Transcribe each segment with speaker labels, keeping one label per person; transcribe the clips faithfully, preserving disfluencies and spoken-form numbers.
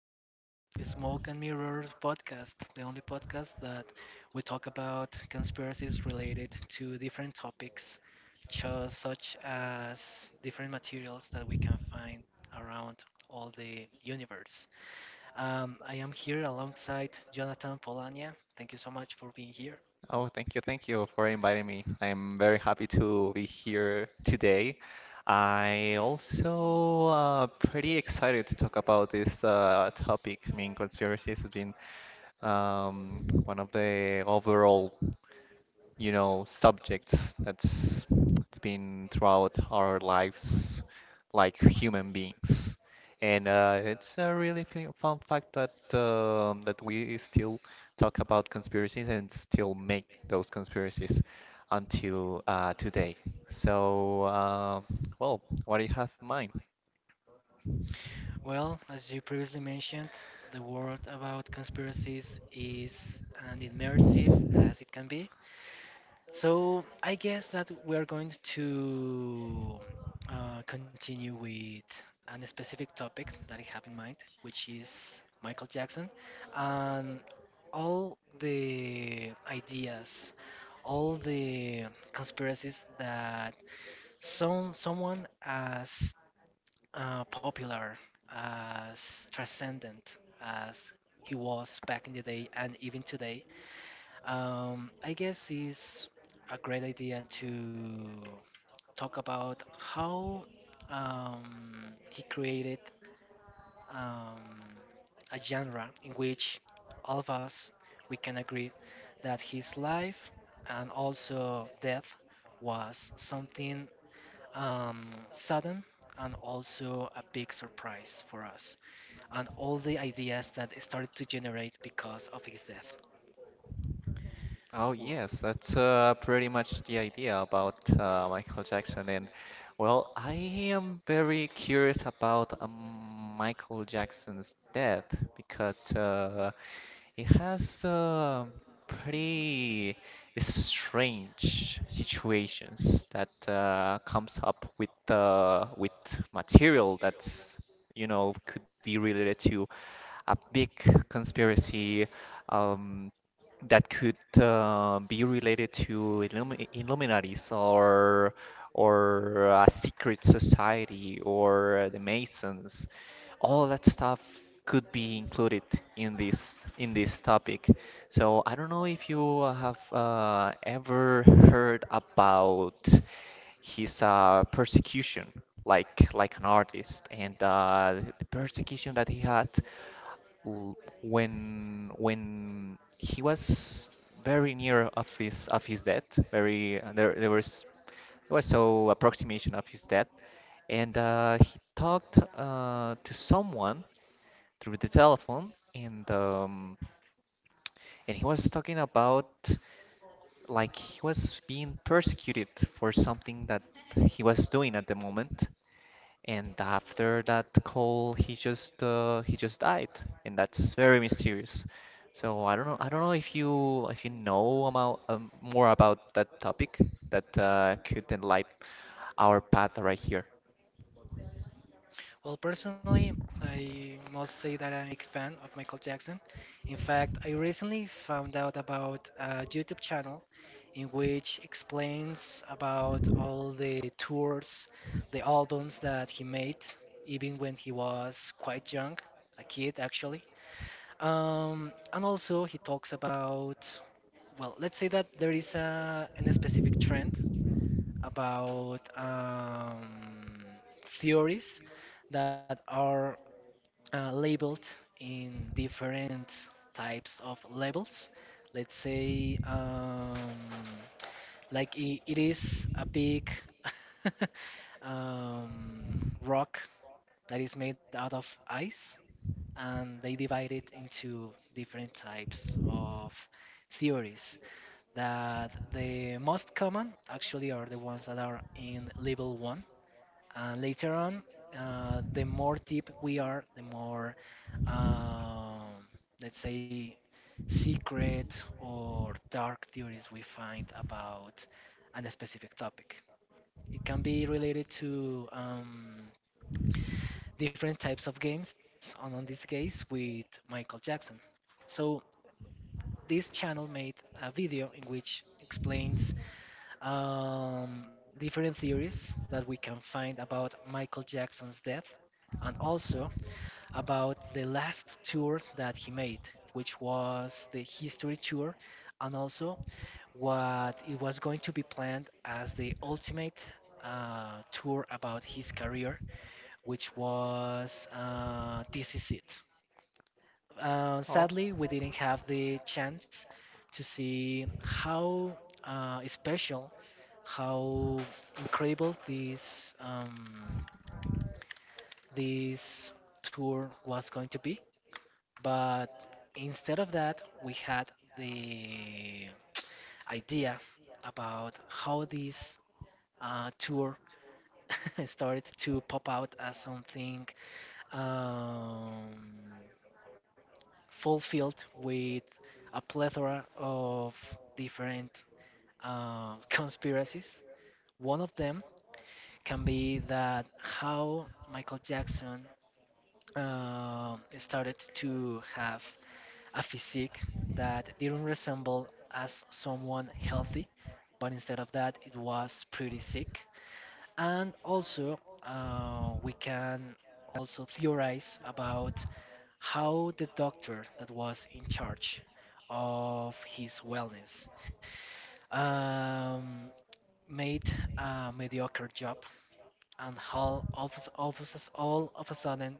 Speaker 1: to Smoke and Mirrors podcast, the only podcast that we talk about conspiracies related to different topics, just such as different materials that we can find around all the universe. Um, I am here alongside Jonathan Polania. Thank you so much for being here.
Speaker 2: Oh, thank you, thank you for inviting me. I'm very happy to be here today. I also uh, pretty excited to talk about this uh, topic. I mean, conspiracies has been um, one of the overall you know, subjects that's it's been throughout our lives like human beings. And uh, it's a really fu- fun fact that um, that we still talk about conspiracies and still make those conspiracies until uh, today. So, um, well, what do you have in mind?
Speaker 1: Well, as you previously mentioned, the world about conspiracies is as immersive as it can be. So I guess that we are going to uh, continue with a specific topic that I have in mind, which is Michael Jackson and all the ideas, all the conspiracies that some someone as uh, popular, as transcendent as he was back in the day and even today, um, I guess it's a great idea to talk about how um, he created um, a genre in which all of us we can agree that his life and also death was something um, sudden and also a big surprise for us, and all the ideas that started to generate because of his death.
Speaker 2: Oh yes, that's uh, pretty much the idea about uh, Michael Jackson. And well, I am very curious about um, Michael Jackson's death because uh, it has uh, pretty strange situations that uh, comes up with uh, with material that's you know could be related to a big conspiracy um, that could uh, be related to Illumi Illuminatis or or a secret society or the Masons. All that stuff could be included in this in this topic. So I don't know if you have uh, ever heard about his uh, persecution, like like an artist, and uh, the persecution that he had l- when when he was very near of his of his death, very uh, there there was there was so approximation of his death, and uh, he talked uh, to someone through the telephone, and um, and he was talking about like he was being persecuted for something that he was doing at the moment, and after that call, he just uh, he just died, and that's very mysterious. So I don't know. I don't know if you if you know about um, more about that topic that uh, could enlighten our path right here.
Speaker 1: Well, personally, I must say that I'm a big fan of Michael Jackson. In fact, I recently found out about a YouTube channel in which explains about all the tours, the albums that he made, even when he was quite young, a kid actually. Um, and also he talks about, well, let's say that there is a, an specific trend about um, theories that are uh, labeled in different types of levels. Let's say, um, like I it is a big um, rock that is made out of ice, and they divide it into different types of theories. That the most common actually are the ones that are in level one, uh, later on, uh, the more deep we are, the more, um, let's say, secret or dark theories we find about a specific topic. It can be related to um, different types of games, and on this case, with Michael Jackson. So, this channel made a video in which explains um, different theories that we can find about Michael Jackson's death and also about the last tour that he made, which was the history tour, and also what it was going to be planned as the ultimate uh, tour about his career, which was uh, This Is It. Uh,
Speaker 2: Oh,
Speaker 1: sadly, we didn't have the chance to see how uh, special, how incredible this um, this tour was going to be. But instead of that, we had the idea about how this uh, tour started to pop out as something um, fulfilled with a plethora of different uh, conspiracies. One of them can be that how Michael Jackson uh, started to have a physique that didn't resemble as someone healthy, but instead of that, it was pretty sick. And also, uh, we can also theorize about how the doctor that was in charge of his wellness um, made a mediocre job, and how all of, all of, a s- all of a sudden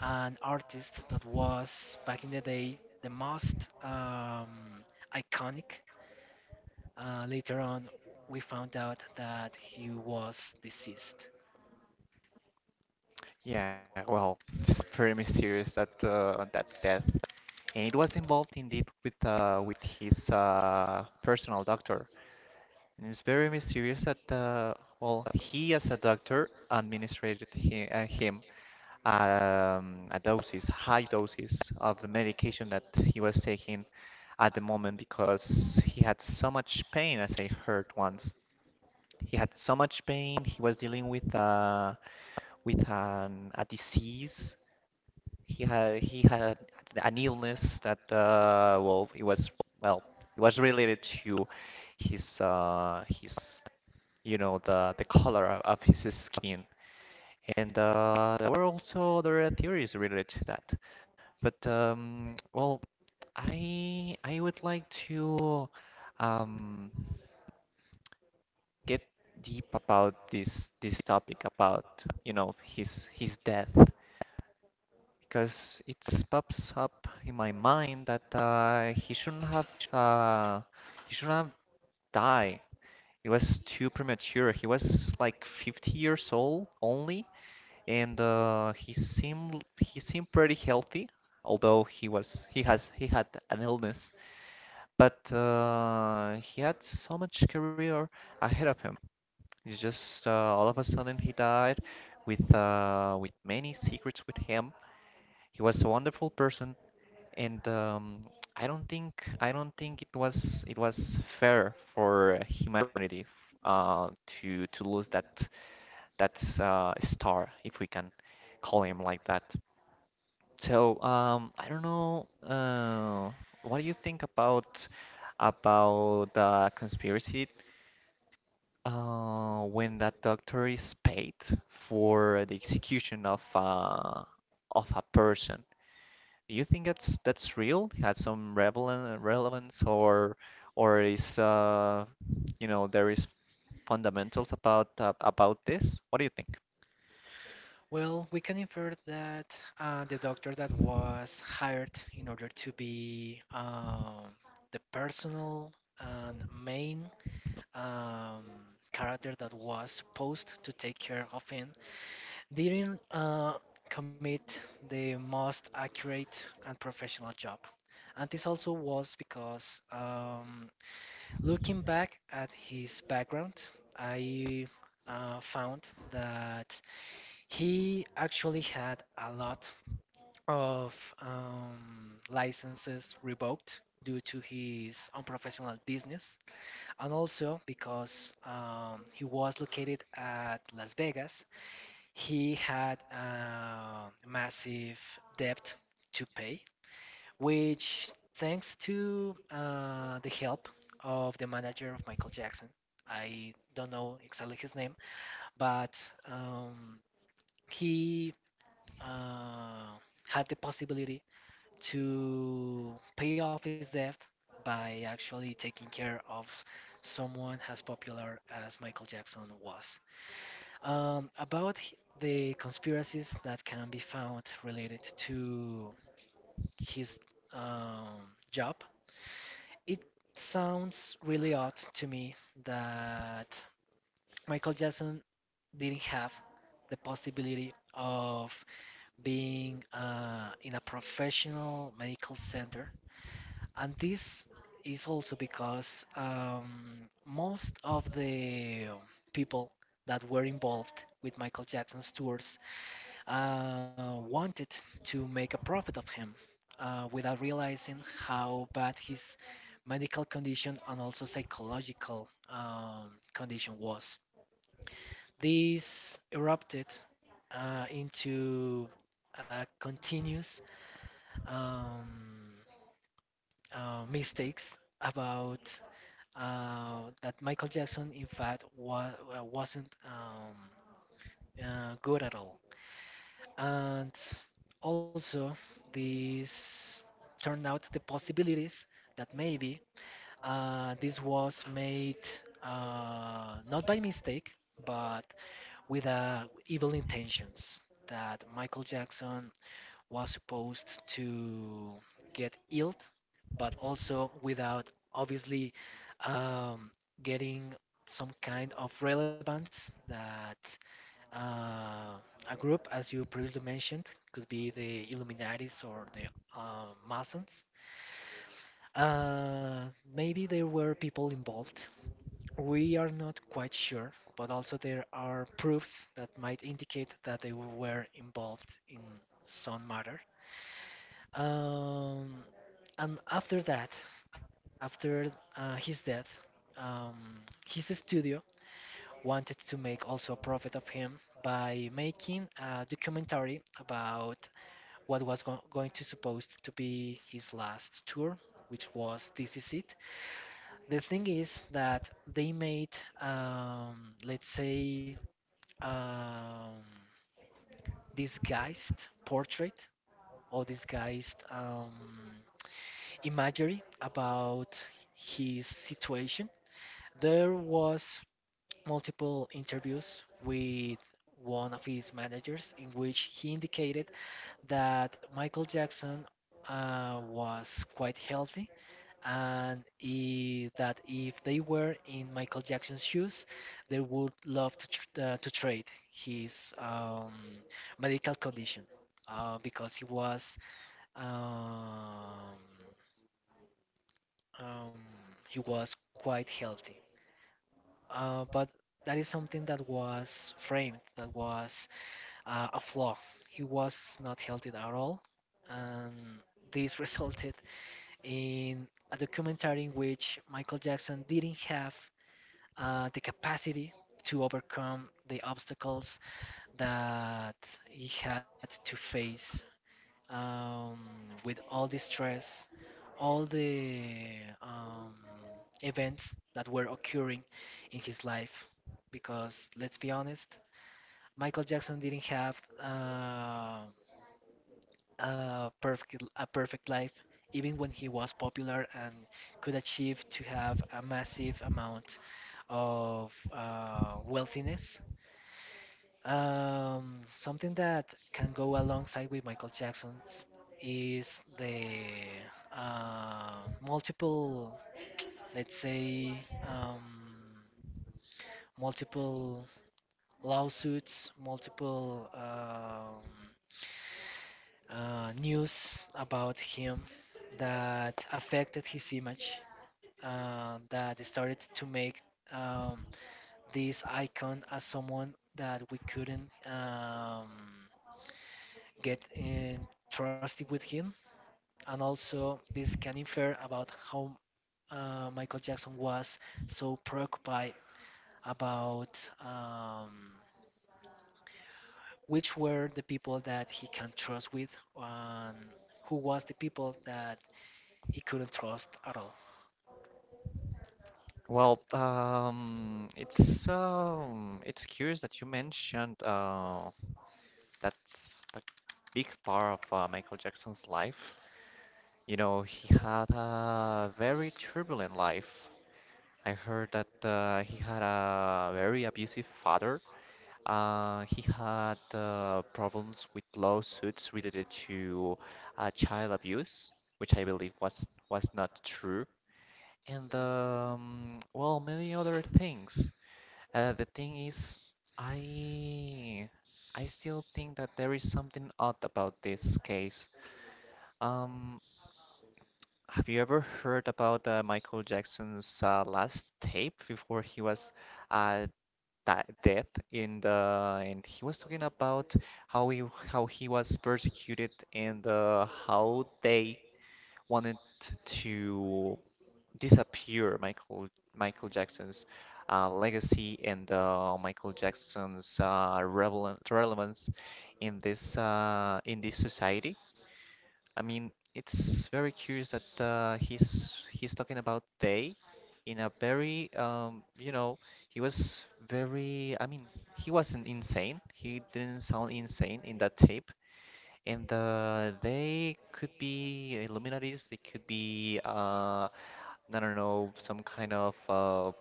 Speaker 1: an artist that was back in the day the most um, iconic. Uh, later on, we found out that he was deceased.
Speaker 2: yeah. Well, it's very mysterious that uh, that death, and it was involved indeed with uh, with his uh, personal doctor. And it's very mysterious that, uh, well, he as a doctor administered he, uh, him um, a doses, high doses of the medication that he was taking at the moment because he had so much pain, as I heard once. He had so much pain. He was dealing with uh, with an, a disease. He had he had an illness that uh, well, it was well, it was related to his uh, his you know the the color of, of his skin and uh, there were also there were theories related to that but um, well I I would like to um, get deep about this this topic about you know his his death because it pops up in my mind that uh, he shouldn't have uh, he shouldn't have died. It was too premature. He was like fifty years old only, and uh, he seemed he seemed pretty healthy, although he was he has he had an illness, but uh, he had so much career ahead of him. It's just uh, all of a sudden he died with uh, with many secrets with him. He was a wonderful person, and um, I don't think I don't think it was it was fair for humanity uh, to to lose that that uh, star, if we can call him like that. So, um, I don't know, uh, what do you think about about the conspiracy uh, when that doctor is paid for the execution of uh, of a person? Do you think that's that's real? Had some relevant relevance or or is uh, you know there is fundamentals about uh, about this? What do you think?
Speaker 1: Well, we can infer that uh, the doctor that was hired in order to be um, the personal and main um, character that was supposed to take care of him. They didn't uh, commit the most accurate and professional job. And this also was because um, looking back at his background, I uh, found that he actually had a lot of um, licenses revoked due to his unprofessional business, and also because um, he was located at Las Vegas, he had a massive debt to pay, which, thanks to uh, the help of the manager of Michael Jackson, I don't know exactly his name, but um, he uh, had the possibility to pay off his debt by actually taking care of someone as popular as Michael Jackson was. Um, about h- the conspiracies that can be found related to his um, job, it sounds really odd to me that Michael Jackson didn't have the possibility of being uh, in a professional medical center. And this is also because um, most of the people that were involved with Michael Jackson's tours uh, wanted to make a profit of him uh, without realizing how bad his medical condition and also psychological um, condition was. This erupted uh, into uh, continuous um, uh, mistakes about uh, that Michael Jackson, in fact, wa- wasn't um, uh, good at all. And also, this turned out the possibilities that maybe uh, this was made uh, not by mistake, but with uh, evil intentions. That Michael Jackson was supposed to get ill, but also without obviously um, getting some kind of relevance that uh, a group, as you previously mentioned, could be the Illuminatis or the uh, Masons. Uh, Maybe there were people involved. We are not quite sure, but also there are proofs that might indicate that they were involved in some matter. Um, and after that, after uh, his death, um, his studio wanted to make also a profit of him by making a documentary about what was go- going to supposed to be his last tour, which was This Is It. The thing is that they made um, let's say, um, disguised portrait or disguised um, imagery about his situation. There was multiple interviews with one of his managers in which he indicated that Michael Jackson uh, was quite healthy, and i- that if they were in Michael Jackson's shoes, they would love to, tr- uh, to trade his um, medical condition uh, because he was um, um, he was quite healthy. Uh, but that is something that was framed, that was uh, a flaw. He was not healthy at all, and this resulted in a documentary in which Michael Jackson didn't have uh, the capacity to overcome the obstacles that he had to face um, with all the stress, all the um, events that were occurring in his life. Because let's be honest, Michael Jackson didn't have uh, a perfect a perfect life, even when he was popular and could achieve to have a massive amount of uh, wealthiness. Um, something that can go alongside with Michael Jackson's is the uh, multiple, let's say, um, multiple lawsuits, multiple um, uh, news about him that affected his image, uh, that started to make um, this icon as someone that we couldn't. Um, get in trusty with him. And also, this can infer about how uh, Michael Jackson was so preoccupied about um, which were the people that he can trust with and who was the people that he couldn't trust at all.
Speaker 2: Well, um, it's um, it's curious that you mentioned uh, that's the big part of uh, Michael Jackson's life. You know, he had a very turbulent life. I heard that uh, he had a very abusive father. Uh, he had uh, problems with lawsuits related to uh, child abuse, which I believe was was not true, and um, well, many other things. Uh, the thing is, I I still think that there is something odd about this case. Um, have you ever heard about uh, Michael Jackson's uh, last tape before he was uh, di dead in the and he was talking about how he how he was persecuted and uh, how they wanted to disappear Michael Michael Jackson's uh, legacy and uh, Michael Jackson's uh, relevant, relevance in this uh, in this society. I mean, it's very curious that uh, he's he's talking about they in a very um, you know he was very I mean he wasn't insane. He didn't sound insane in that tape. And uh, they could be Illuminatis, they could be uh, I don't know, some kind of, uh,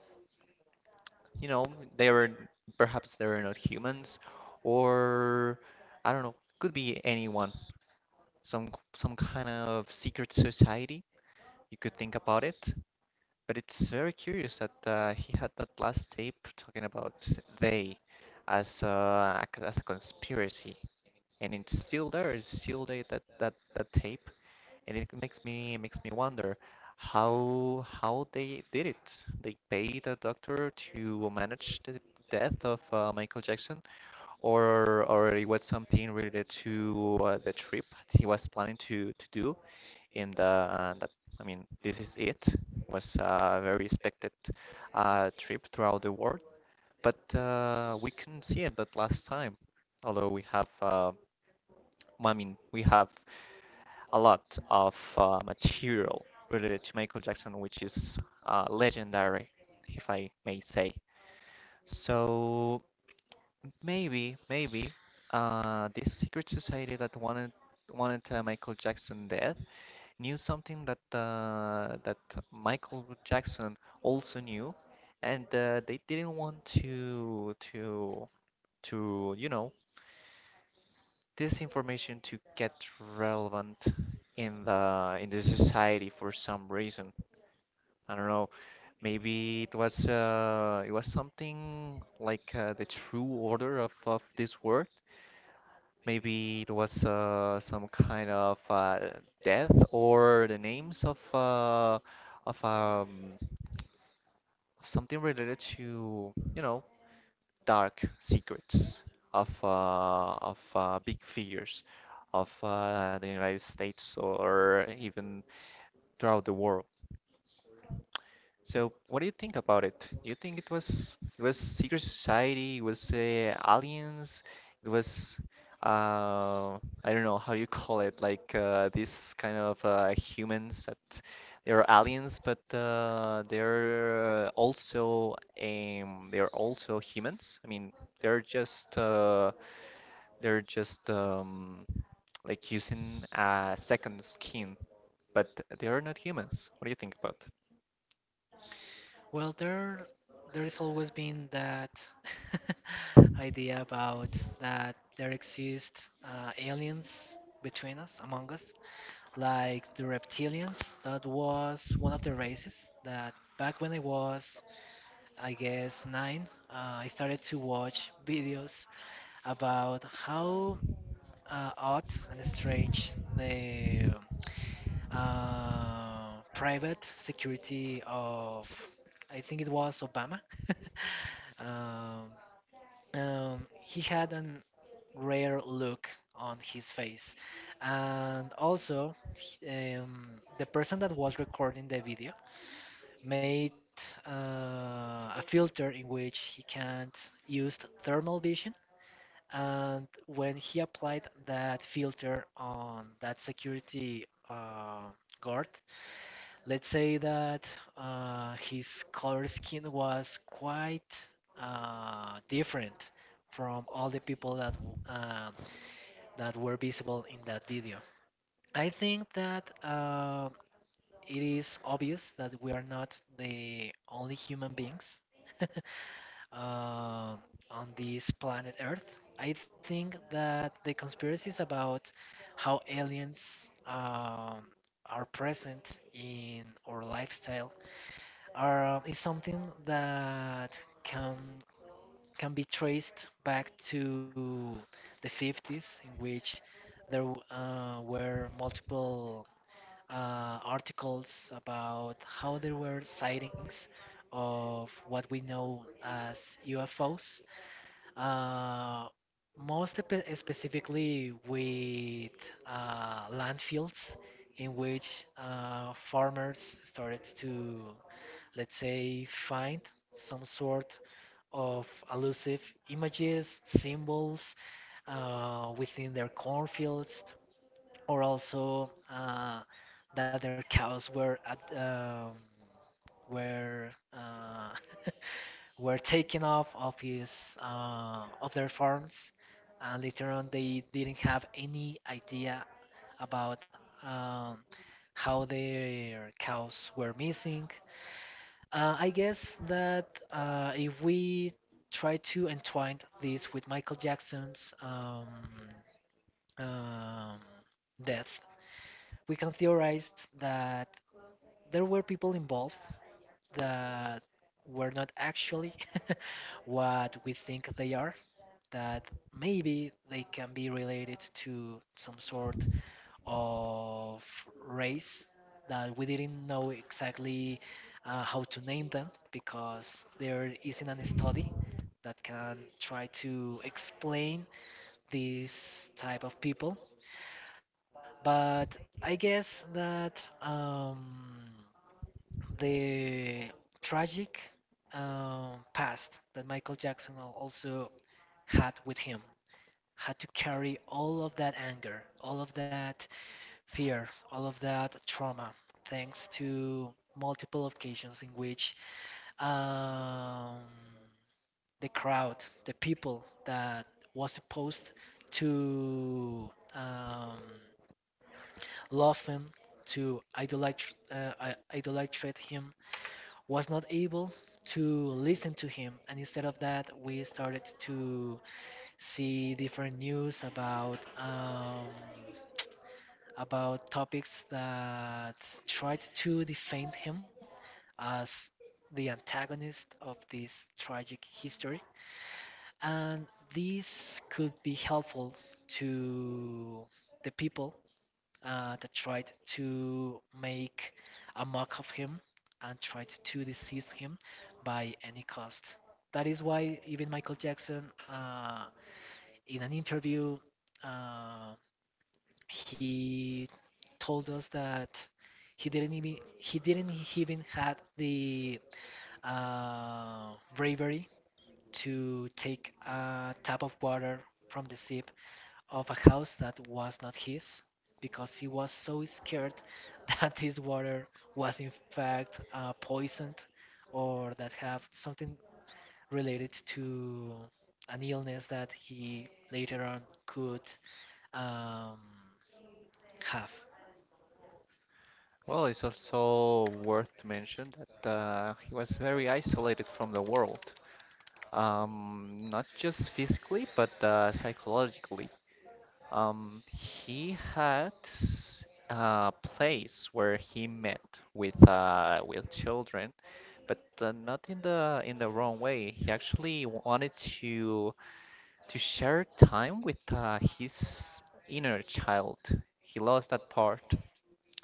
Speaker 2: you know, they were perhaps they were not humans, or I don't know, could be anyone, some some kind of secret society. You could think about it, but it's very curious that uh, he had that last tape talking about they as a, as a conspiracy, and it's still there. It's still there that that that tape, and it makes me makes me wonder how how they did it. They paid a doctor to manage the death of uh, Michael Jackson, or or it was something related to uh, the trip he was planning to to do in the uh, that I mean this is it. It was a very expected uh, trip throughout the world, but uh, we couldn't see it that last time. Although we have, uh, well, I mean, we have a lot of uh, material related to Michael Jackson, which is uh, legendary, if I may say. So maybe, maybe uh, this secret society that wanted wanted uh, Michael Jackson dead knew something that uh, that Michael Jackson also knew, and uh, they didn't want to to to you know this information to get relevant in the in the society for some reason. I don't know. Maybe it was uh, it was something like uh, the true order of, of this world. Maybe it was uh, some kind of uh, death or the names of uh, of um, something related to, you know, dark secrets of uh, of uh, big figures of uh, the United States or even throughout the world. So, what do you think about it? Do you think it was it was secret society? It was uh, aliens? It was uh, I don't know how you call it, like uh, these kind of uh, humans that they're aliens, but uh, they're also um, they're also humans. I mean, they're just uh, they're just um, like using a second skin, but they are not humans. What do you think about?
Speaker 1: Well, there there has always been that idea about that there exist uh, aliens between us, among us, like the reptilians. That was one of the races that back when I was, I guess, nine, uh, I started to watch videos about how uh, odd and strange the uh, private security of, I think it was Obama, um, um, he had an rare look on his face. And also, he- um, the person that was recording the video made uh, a filter in which he can't use thermal vision. And when he applied that filter on that security uh, guard, let's say that uh, his color skin was quite uh, different from all the people that w- um that were visible in that video. I think that um it is obvious that we are not the only human beings uh, on this planet Earth. I think that the conspiracies about how aliens um, are present in our lifestyle are is something that can can be traced back to the fifties, in which there w- uh, were multiple uh, articles about how there were sightings of what we know as U F Os. Uh, most spe- Specifically with uh, landfills in which uh, farmers started to, let's say, find some sort of elusive images, symbols uh, within their cornfields, or also uh, that their cows were at, um, were uh, were taken off of his uh, of their farms, and later on they didn't have any idea about um, how their cows were missing. uh, I guess that uh, if we try to entwine this with Michael Jackson's um, um, death, we can theorize that there were people involved that were not actually what we think they are, that maybe they can be related to some sort of race that we didn't know exactly uh, how to name them because there isn't any study that can try to explain this type of people. But I guess that um, the tragic um, past that Michael Jackson al- also had with him had to carry all of that anger, all of that fear, all of that trauma, thanks to multiple occasions in which um, the crowd, the people that was supposed to um, love him, to idolate, uh, idolatrate him, was not able to listen to him. And instead of that, we started to see different news about um, about topics that tried to defend him as the antagonist of this tragic history. And this could be helpful to the people uh, that tried to make a mock of him and tried to deceive him by any cost. That is why even Michael Jackson, uh, in an interview, uh, he told us that he didn't even he didn't even had the uh, bravery to take a tap of water from the sip of a house that was not his, because he was so scared that this water was in fact uh, poisoned or that have something related to an illness that he later on could um, have.
Speaker 2: Well, it's also worth to mention that uh, he was very isolated from the world, um, not just physically, but uh, psychologically. Um, he had a place where he met with uh, with children, but uh, not in the in the wrong way. He actually wanted to to share time with uh, his inner child. He lost that part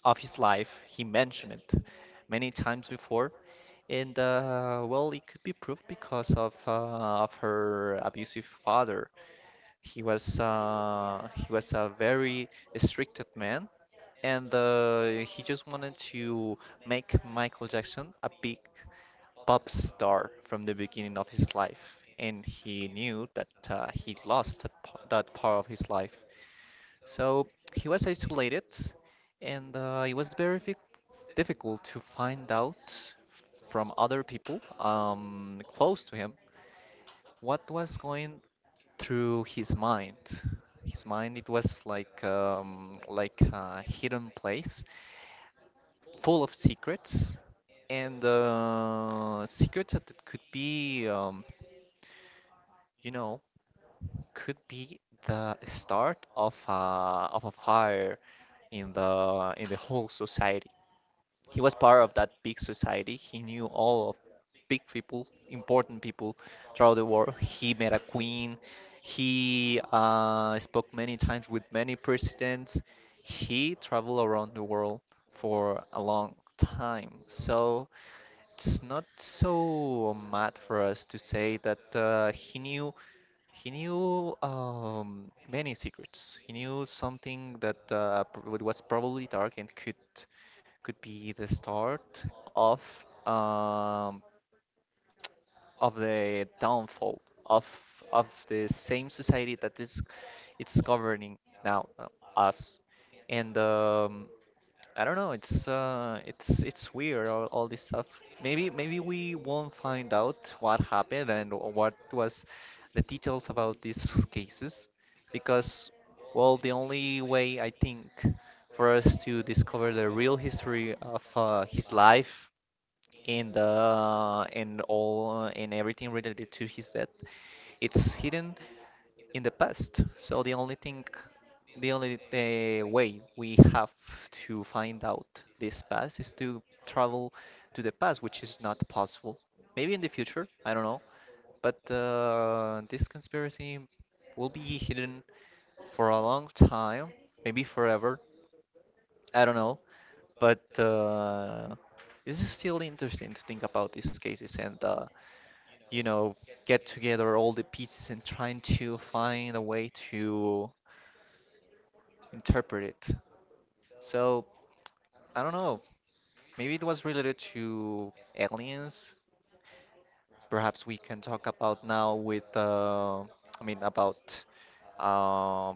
Speaker 2: of his life. He mentioned it many times before, and uh, well, it could be proved because of uh, of her abusive father. He was uh, he was a very restricted man, and uh, he just wanted to make Michael Jackson a big pop star from the beginning of his life. And he knew that uh, he lost that, that part of his life. So he was isolated and uh, it was very difficult to find out from other people um, close to him what was going through his mind. His mind, it was like um, like a hidden place full of secrets and uh, secrets that it could be um, you know could be the start of a of a fire in the in the whole society. He was part of that big society. He knew all of big people, important people throughout the world. He met a queen. He uh, spoke many times with many presidents. He traveled around the world for a long time. So it's not so mad for us to say that uh, he knew he knew um, many secrets. He knew something that uh, pr- was probably dark and could could be the start of um, of the downfall of of the same society that is it's governing now uh, us. And um, I don't know. It's uh, it's it's weird all, all this stuff. Maybe maybe we won't find out what happened and what was the details about these cases, because well, the only way I think for us to discover the real history of uh, his life and uh, and all uh, and everything related to his death, it's hidden in the past. So the only thing, the only uh, way we have to find out this past is to travel to the past, which is not possible. Maybe in the future, I don't know. But uh, this conspiracy will be hidden for a long time, maybe forever. I don't know. But uh, this is still interesting to think about these cases and, uh, you know, get together all the pieces and trying to find a way to interpret it. So I don't know. Maybe it was related to aliens. Perhaps we can talk about now with uh, I mean about uh,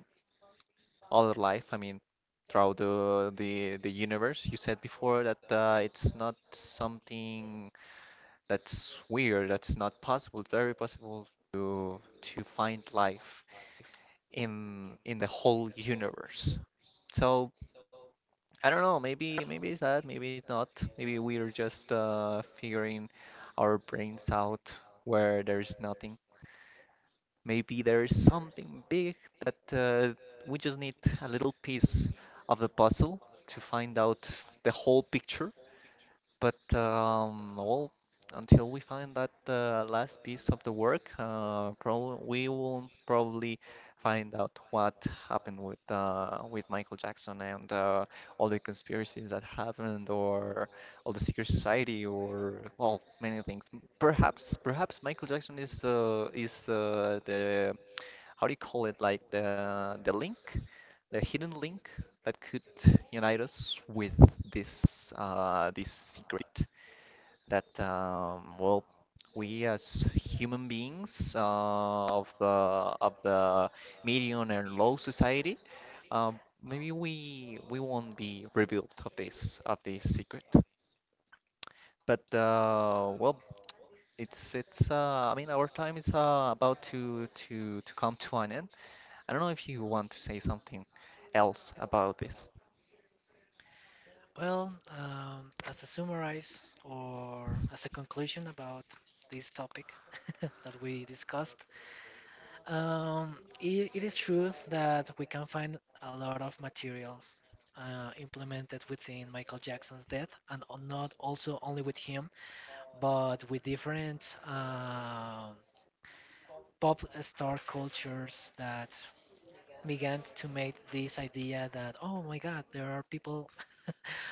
Speaker 2: other life. I mean throughout the the the universe. You said before that uh, it's not something that's weird. That's not possible. It's very possible to to find life in in the whole universe. So I don't know, maybe maybe it's that, maybe it's not. Maybe we're just uh, figuring our brains out where there's nothing. Maybe there is something big that uh, we just need a little piece of the puzzle to find out the whole picture. But um, well, until we find that uh, last piece of the work, uh, prob we will probably find out what happened with uh, with Michael Jackson and uh, all the conspiracies that happened, or all the secret society, or well, many things. Perhaps, perhaps Michael Jackson is uh, is uh, the how do you call it? Like the the link, the hidden link that could unite us with this uh, this secret that um, well, we as human beings uh, of the of the medium and low society, um, maybe we we won't be revealed of this of this secret. But uh, well, it's it's uh, I mean our time is uh, about to to to come to an end. I don't know if you want to say something else about this.
Speaker 1: Well, um, as a summarize or as a conclusion about this topic that we discussed, um, it, it is true that we can find a lot of material uh, implemented within Michael Jackson's death, and on- not also only with him, but with different uh, pop star cultures that began to make this idea that oh my god there are people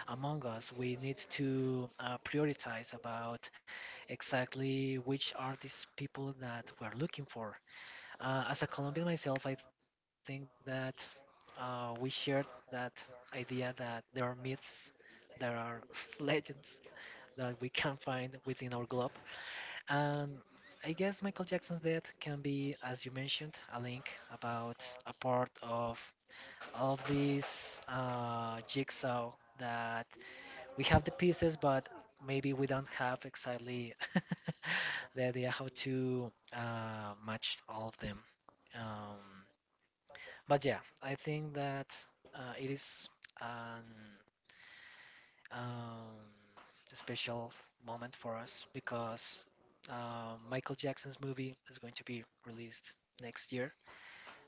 Speaker 1: among us, we need to uh, prioritize about exactly which are these people that we're looking for. Uh, as a Colombian myself, I think that uh, we shared that idea that there are myths, there are legends that we can find within our globe. And I guess Michael Jackson's death can be, as you mentioned, a link about a part of all of these uh, jigsaw that we have the pieces, but maybe we don't have exactly the idea how to uh, match all of them. Um, but yeah, I think that uh, it is an um, a special moment for us because uh, Michael Jackson's movie is going to be released next year.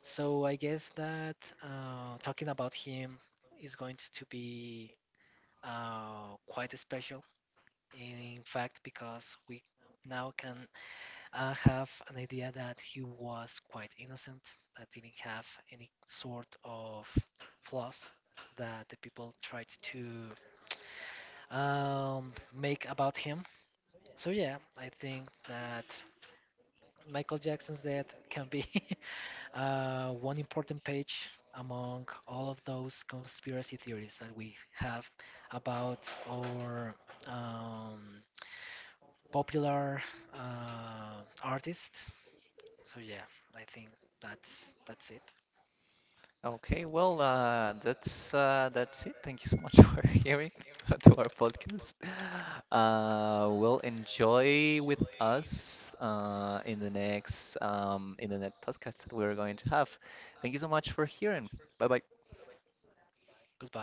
Speaker 1: So I guess that uh, talking about him is going to be uh, quite special, in fact, because we now can uh, have an idea that he was quite innocent, that didn't have any sort of flaws that the people tried to um, make about him. So yeah, I think that Michael Jackson's death can be uh, one important page among all of those conspiracy theories that we have about our um, popular uh, artist. So yeah, I think that's that's it.
Speaker 2: Okay, well, uh, that's uh, that's it. Thank you so much for hearing to our podcast. Uh, we'll enjoy with us uh, in the next um, in the next podcast that we're going to have. Thank you so much for hearing. Bye bye.
Speaker 1: Goodbye.